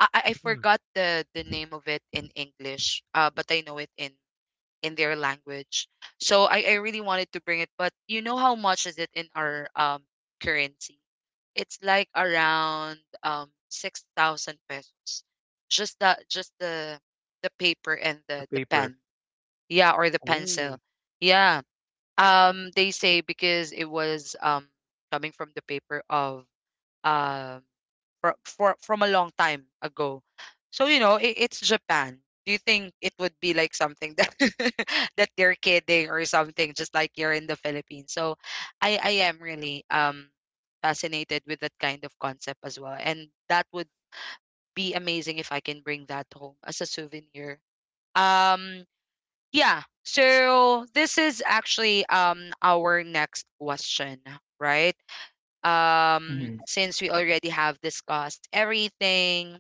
I, I I
Hmm.
forgot the the name of it in English, uh, but I know it in in their language. So I, I really wanted to bring it, but you know how much is it in our um currency? It's like around um six thousand pesos. Just the just the the paper and
The
the the pen,
paper.
yeah, or the pencil.
Ooh.
Yeah. Um, they say because it was um coming from the paper of um for, for from a long time ago. So you know, it, it's Japan. Do you think it would be like something that that they're kidding or something, just like you're in the Philippines? So I I am really um fascinated with that kind of concept as well, and that would be amazing if I can bring that home as a souvenir. Um, yeah. So this is actually um our next question, right? Um,
Mhm.
since we already have discussed everything,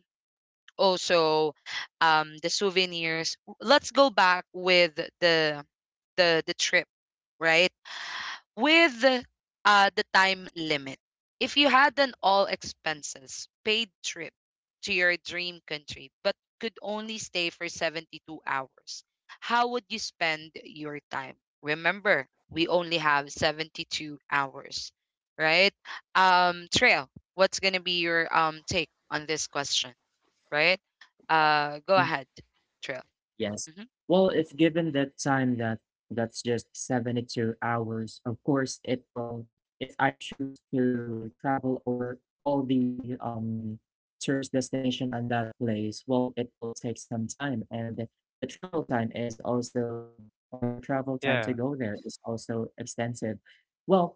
also um the souvenirs, let's go back with the the the trip, right? With uh, the time limit. If you had an all expenses paid trip to your dream country but could only stay for seventy two hours, how would you spend your time? Remember, we only have seventy two hours, right? Um, Trail, what's going to be your um take on this question, right? Uh, go ahead, Trail.
Yes.
Mm-hmm.
Well, if given that time that that's just seventy-two hours, of course it will, if I choose to travel or all the um tourist destination at that place, well, it will take some time, and the, the travel time is also, or the travel time to
Yeah.
go there is also extensive. Well,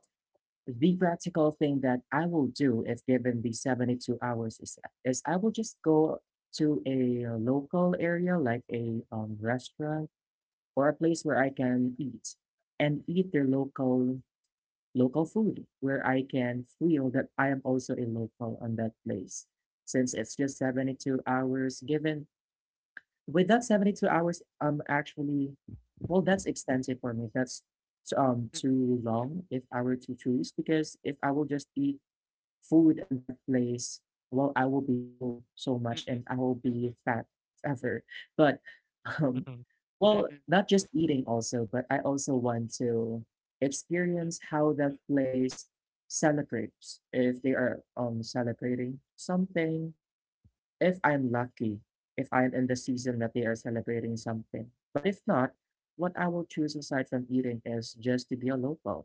the practical thing that I will do if given the seventy-two hours is, is I will just go to a uh, local area, like a um, restaurant or a place where I can eat and eat their local local food where I can feel that I am also a local on that place, since it's just seventy-two hours given. With that seventy-two hours, um actually, well, that's extensive for me, that's um too long, if I were to choose, because if I will just eat food in that place, well, I will be full so much
Mm-mm,
and I will be fat forever. But, um,
Mhm.
well,
mm-mm,
not just eating also, but I also want to
mm-mm,
experience how that place celebrates, if they are um celebrating something, if I'm lucky, if I'm in the season that they are celebrating something. But if not, what I will choose aside from eating is just to be a local,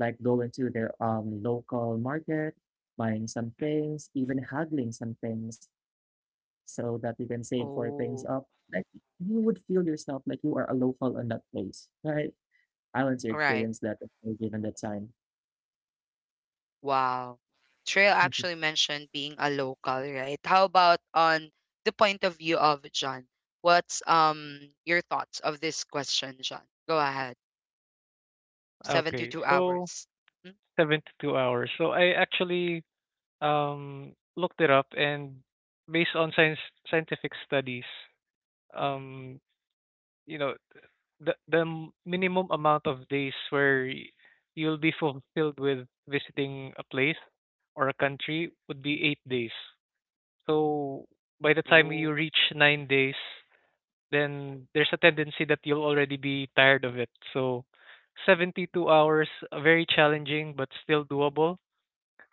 like going to their um local market, buying some
mm-mm.
things, even haggling some things so that you can save for things up.
Oh,
Like, you would feel yourself like you are a local in that place, right? I want to
right.
experience that if we're given the time.
Wow. Trail actually mentioned being a local, right? How about on the point of view of John? What's um your thoughts of this question, John? Go ahead.
Okay.
seventy two
So
hours. Mhm.
seventy-two hours. So I actually um, looked it up, and based on science scientific studies, um, you know, the the m- minimum amount of days where y- you'll be fulfilled with visiting a place or a country would be eight days. So by the time you
Oh,
reach nine days, then there's a tendency that you'll already be tired of it. So seventy-two hours, uh, very challenging but still doable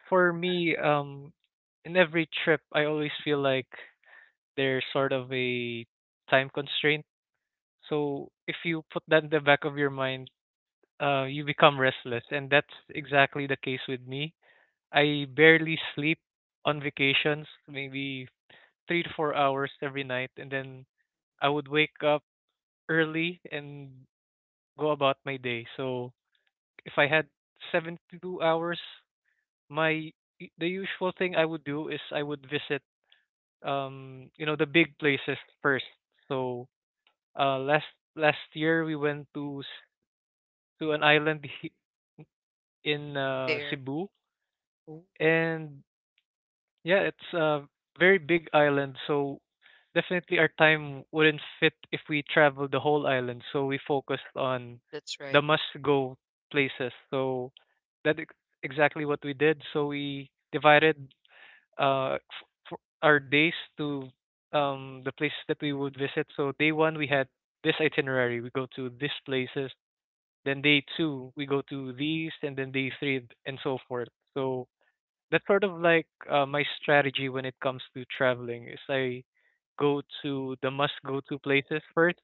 for me. Um, in every trip, I always feel like there's sort of a time constraint. So if you put that in the back of your mind, uh, you become restless, and that's exactly the case with me. I barely sleep on vacations, maybe three to four hours every night, and then I would wake up early and go about my day. So if I had seventy-two hours, my the usual thing I would do is I would visit um you know the big places first. So uh last last year we went to s- to an island he- in uh,
there.
Cebu,
Oh,
and yeah, it's a very big island, so definitely our time wouldn't fit if we traveled the whole island, so we focused on
that's
the
right.
must go places. So that ex- exactly what we did. So we divided uh, f- for our days to um, the places that we would visit. So day one, we had this itinerary. We go to these places. Then day two, we go to these, and then day three, and so forth. So that's sort of like uh, my strategy when it comes to traveling. Is I go to the must go to places first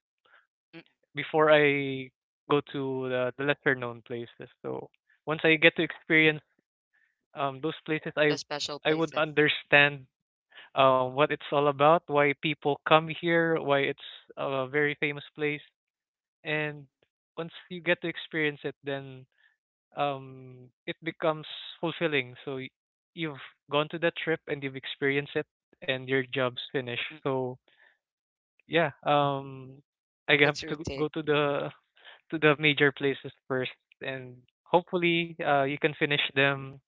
Mm-mm.
before I go to the, the lesser known places. So once I get to experience um, those places, I
The special
I would
places.
understand uh, what it's all about, why people come here, why it's a very famous place. And once you get to experience it, then um, it becomes fulfilling. So y- you've gone to that trip and you've experienced it, and your job's finished.
Mm-mm.
So yeah, um, I have
That's your
to
take.
go to the to the
Mm-mm.
major places first, and hopefully uh, you can finish them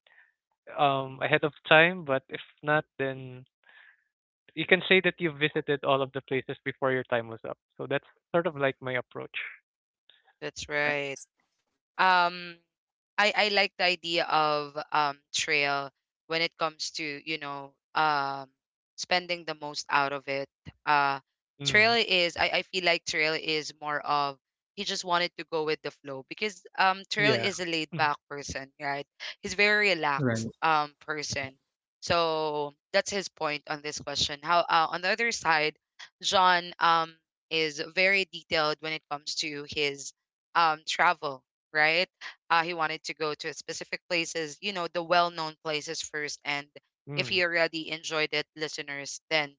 um, ahead of time. But if not, then you can say that you've visited all of the places before your time was up. So that's sort of like my approach.
That's right.
Nice.
um I I like the idea of um trail when it comes to you know um spending the most out of it. Uh, Trail
Mm.
is, I I feel like trail is more of, he just wanted to go with the flow, because um trail
Yeah.
is a laid back person, right? He's very relaxed
Right.
um person. So that's his point on this question. How uh, On the other side, john, um is very detailed when it comes to his um travel, right? Uh, he wanted to go to specific places, you know, the well known places first. And
Mm.
if he
Mm.
already enjoyed it, listeners, then,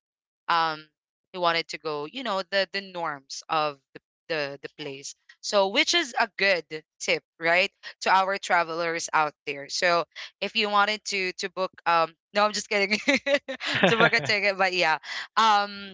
um, he wanted to go, you know, the, the norms of the, the, the place. So, which is a good tip, right, to our travelers out there. So, if you wanted to to book, um, no, I'm just kidding, to book a ticket, but yeah, um,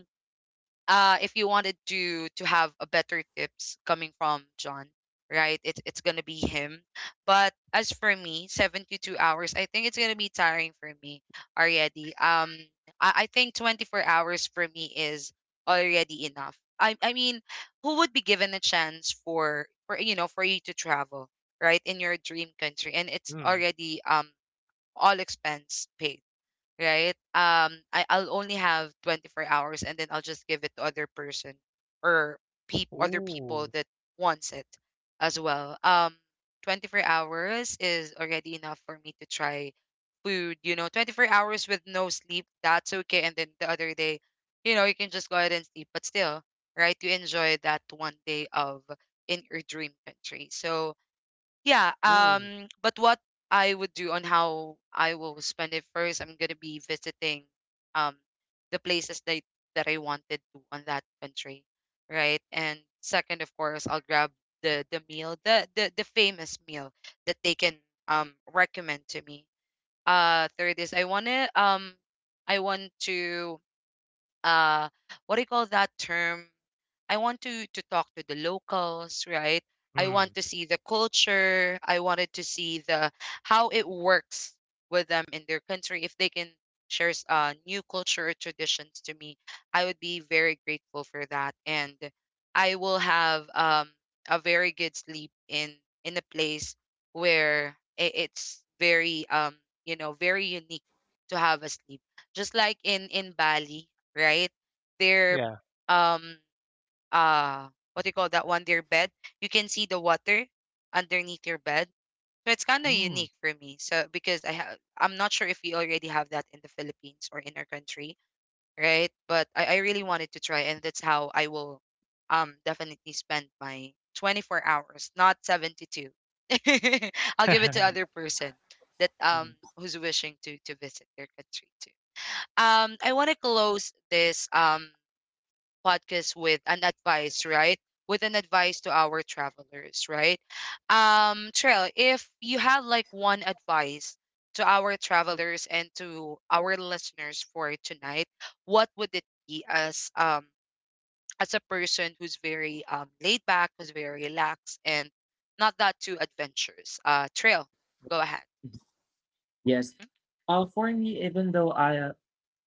uh, if you wanted to to have a better tips coming from John, right? It's it's gonna be him. But as for me, seventy two hours, I think it's gonna be tiring for me already. Um, I, I think twenty four hours for me is already enough. I I mean, who would be given a chance for for you know for you to travel, right, in your dream country, and it's
mm.
already um all expense paid, right? Um, I, I'll only have twenty four hours, and then I'll just give it to other person or peop other
Ooh.
people that wants it as well. Um, twenty four hours is already enough for me to try food. You know, twenty four hours with no sleep, that's okay. And then the other day, you know, you can just go ahead and sleep, but still, right, you enjoy that one day of in your dream country. So, yeah um
Ooh.
but what I would do on how I will spend it, first I'm gonna be visiting um the places that that I wanted to on that country, right? And second, of course, I'll grab the the meal, the the, the famous meal that they can um recommend to me. Uh third is i want to um I want to, uh, what do you call that term, I want to to talk to the locals, right? I want
Mm.
to see the culture. I wanted to see the how it works with them in their country. If they can share s- uh, new culture or traditions to me, I would be very grateful for that, and I will have, um, a very good sleep in in a place where i- it's very um you know very unique to have a sleep. Just like in in Bali, right? they
Yeah.
um uh what do you call that one, their bed, you can see the water underneath your bed. So it's kind of unique
Mm.
for me, so, because I have, I'm not sure if we already have that in the philippines or in our country, right? but i, I really wanted to try, and that's how I will um definitely spend my twenty four hours, not seventy two. I'll give it to other person that
Mhm.
um who's wishing to to visit their country too. um I want to close this um podcast with an advice, right? With an advice to our travelers, right? Um, Trail, if you have like one advice to our travelers and to our listeners for tonight, what would it be as um as a person who's very um laid back, who's very relaxed and not that too adventurous? Uh Trail, go ahead.
Yes. Uh, for me, even though I uh,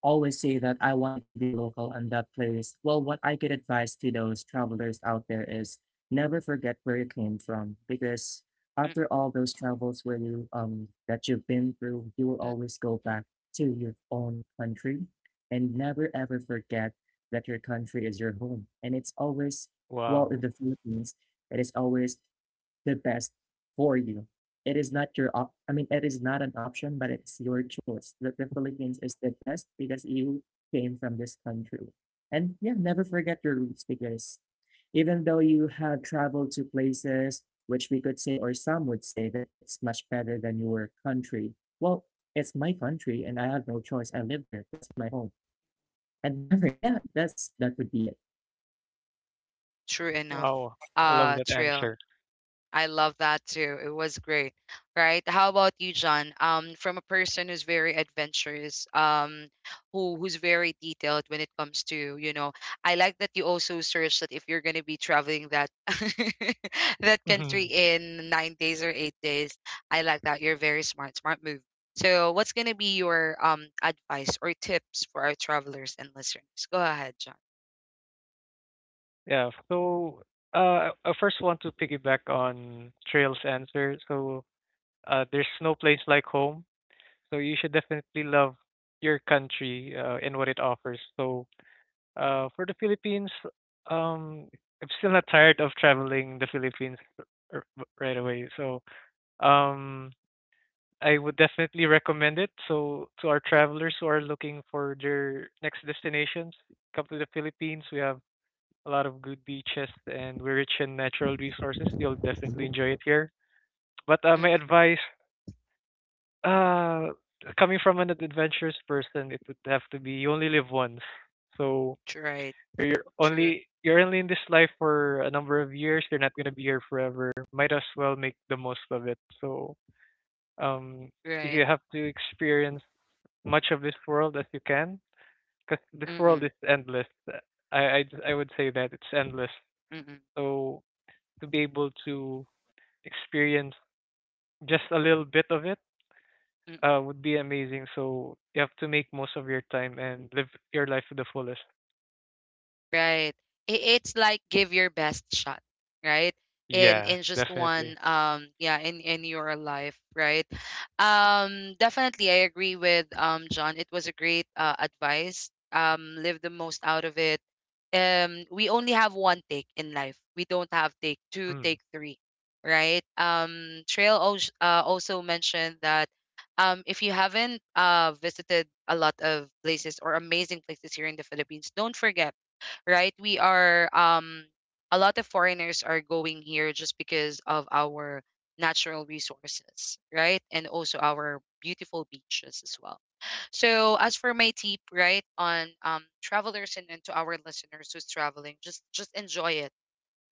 always say that I wanted to be a local on that place, well, what I could advise to those travelers out there is, never forget where you came from, because
Mm,
after all those travels where you um that you've been through, you will
mm,
always go back to your own country and never ever forget that your country is your home. And it's always, well, in
Wow.
the Philippines, it is always the best for you. It is not your op- I mean, it is not an option, but it's your choice. That the Philippines is the best because you came from this country. And yeah, never forget your roots, because even though you have traveled to places which we could say, or some would say, that it's much better than your country, well, it's my country and I have no choice. I live there. That's my home. And never, yeah, that's, that would be it.
true enough.
Wow. I love
Uh,
that
Trail.
answer.
I love that too. It was great. Right? How about you, John? Um, from a person who's very adventurous, um, who who's very detailed when it comes to, you know, I like that you also searched that if you're gonna be traveling that, that country
Hmm.
in nine days or eight days. I like that. You're very smart, smart move. So what's gonna be your um advice or tips for our travelers and listeners? Go ahead, John.
Yeah. So, uh, I I first want to piggyback on Trail's answer. So, uh, there's no place like home. So you should definitely love your country uh, and what it offers. So, uh, for the Philippines, um, I'm still not tired of traveling the Philippines r- r- right away. So, um, I would definitely recommend it. So, to our travelers who are looking for their next destinations, come to the Philippines. We have a lot of good beaches and we're rich in natural resources. You'll definitely enjoy it here. But uh, my
Mm-mm,
advice, uh, coming from an adventurous person, it would have to be you only live once. So,
right.
or you're
True.
only you're only in this life for a number of years. You're not gonna be here forever. Might as well make the most of it. So um,
Right.
you have to experience much of this world as you can, because this world
Mm-mm,
is endless. I I I would say that it's endless.
mm-mm, mm-mm.
So to be able to experience just a little bit of it uh, would be amazing. So you have to make most of your time and live your life to the fullest.
Right. I- It's like give your best shot, right? In
Yeah,
in just
definitely.
one um yeah, in in your life, right? Um, definitely I agree with um John. It was a great uh, advice. Um, live the most out of it. Um, we only have one take in life. We don't have take two,
Mm.
take three, right? Um Trail, als- uh, also mentioned that, um, if you haven't uh, visited a lot of places or amazing places here in the Philippines, don't forget, right? We are um a lot of foreigners are going here just because of our natural resources, right? And also our beautiful beaches as well. So as for my tip, right, on um travelers and, and to our listeners who's traveling, just just enjoy it.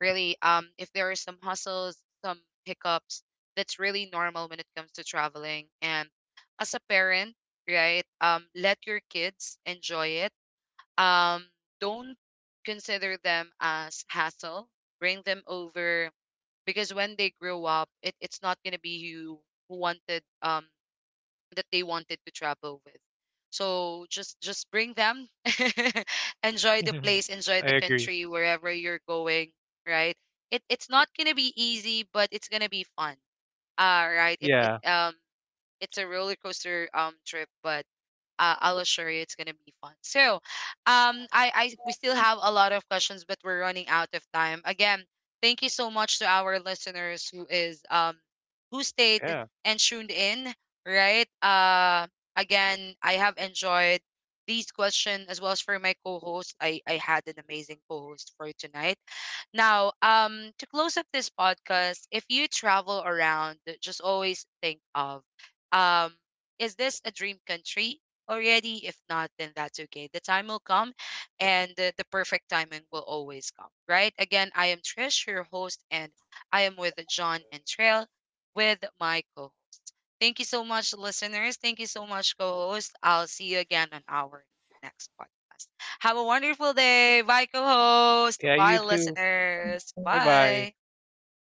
Really, um, if there are some hustles, some hiccups, that's really normal when it comes to traveling. And as a parent, right, um, let your kids enjoy it, um, don't consider them as hassle. Bring them over, because when they grow up, it, it's not gonna be you who wanted um that they wanted to travel with. So just just bring them, enjoy the place, enjoy
I
the
agree.
country wherever you're going. Right? It it's not gonna be easy, but it's gonna be fun. Uh, right? It it
Yeah.
um it's a roller coaster um trip, but uh, I'll assure you it's gonna be fun. So, um, I, I we still have a lot of questions, but we're running out of time. Again, thank you so much to our listeners who is um who stayed
Yeah.
and tuned in. Right. Uh, again, I have enjoyed these questions as well as for my co-host. I I had an amazing co-host for tonight. Now, um, to close up this podcast, if you travel around, just always think of, um, is this a dream country already? If not, then that's okay. The time will come, and the, the perfect timing will always come, right? Again, I am Trish, your host, and I am with John and Trail, with my co-host. Thank you so much, listeners. Thank you so much, co-host. I'll see you again on our next podcast. Have a wonderful day. Bye, co host.
Yeah, you
Bye,
too.
listeners.
Bye bye.
Bye.
Thanks.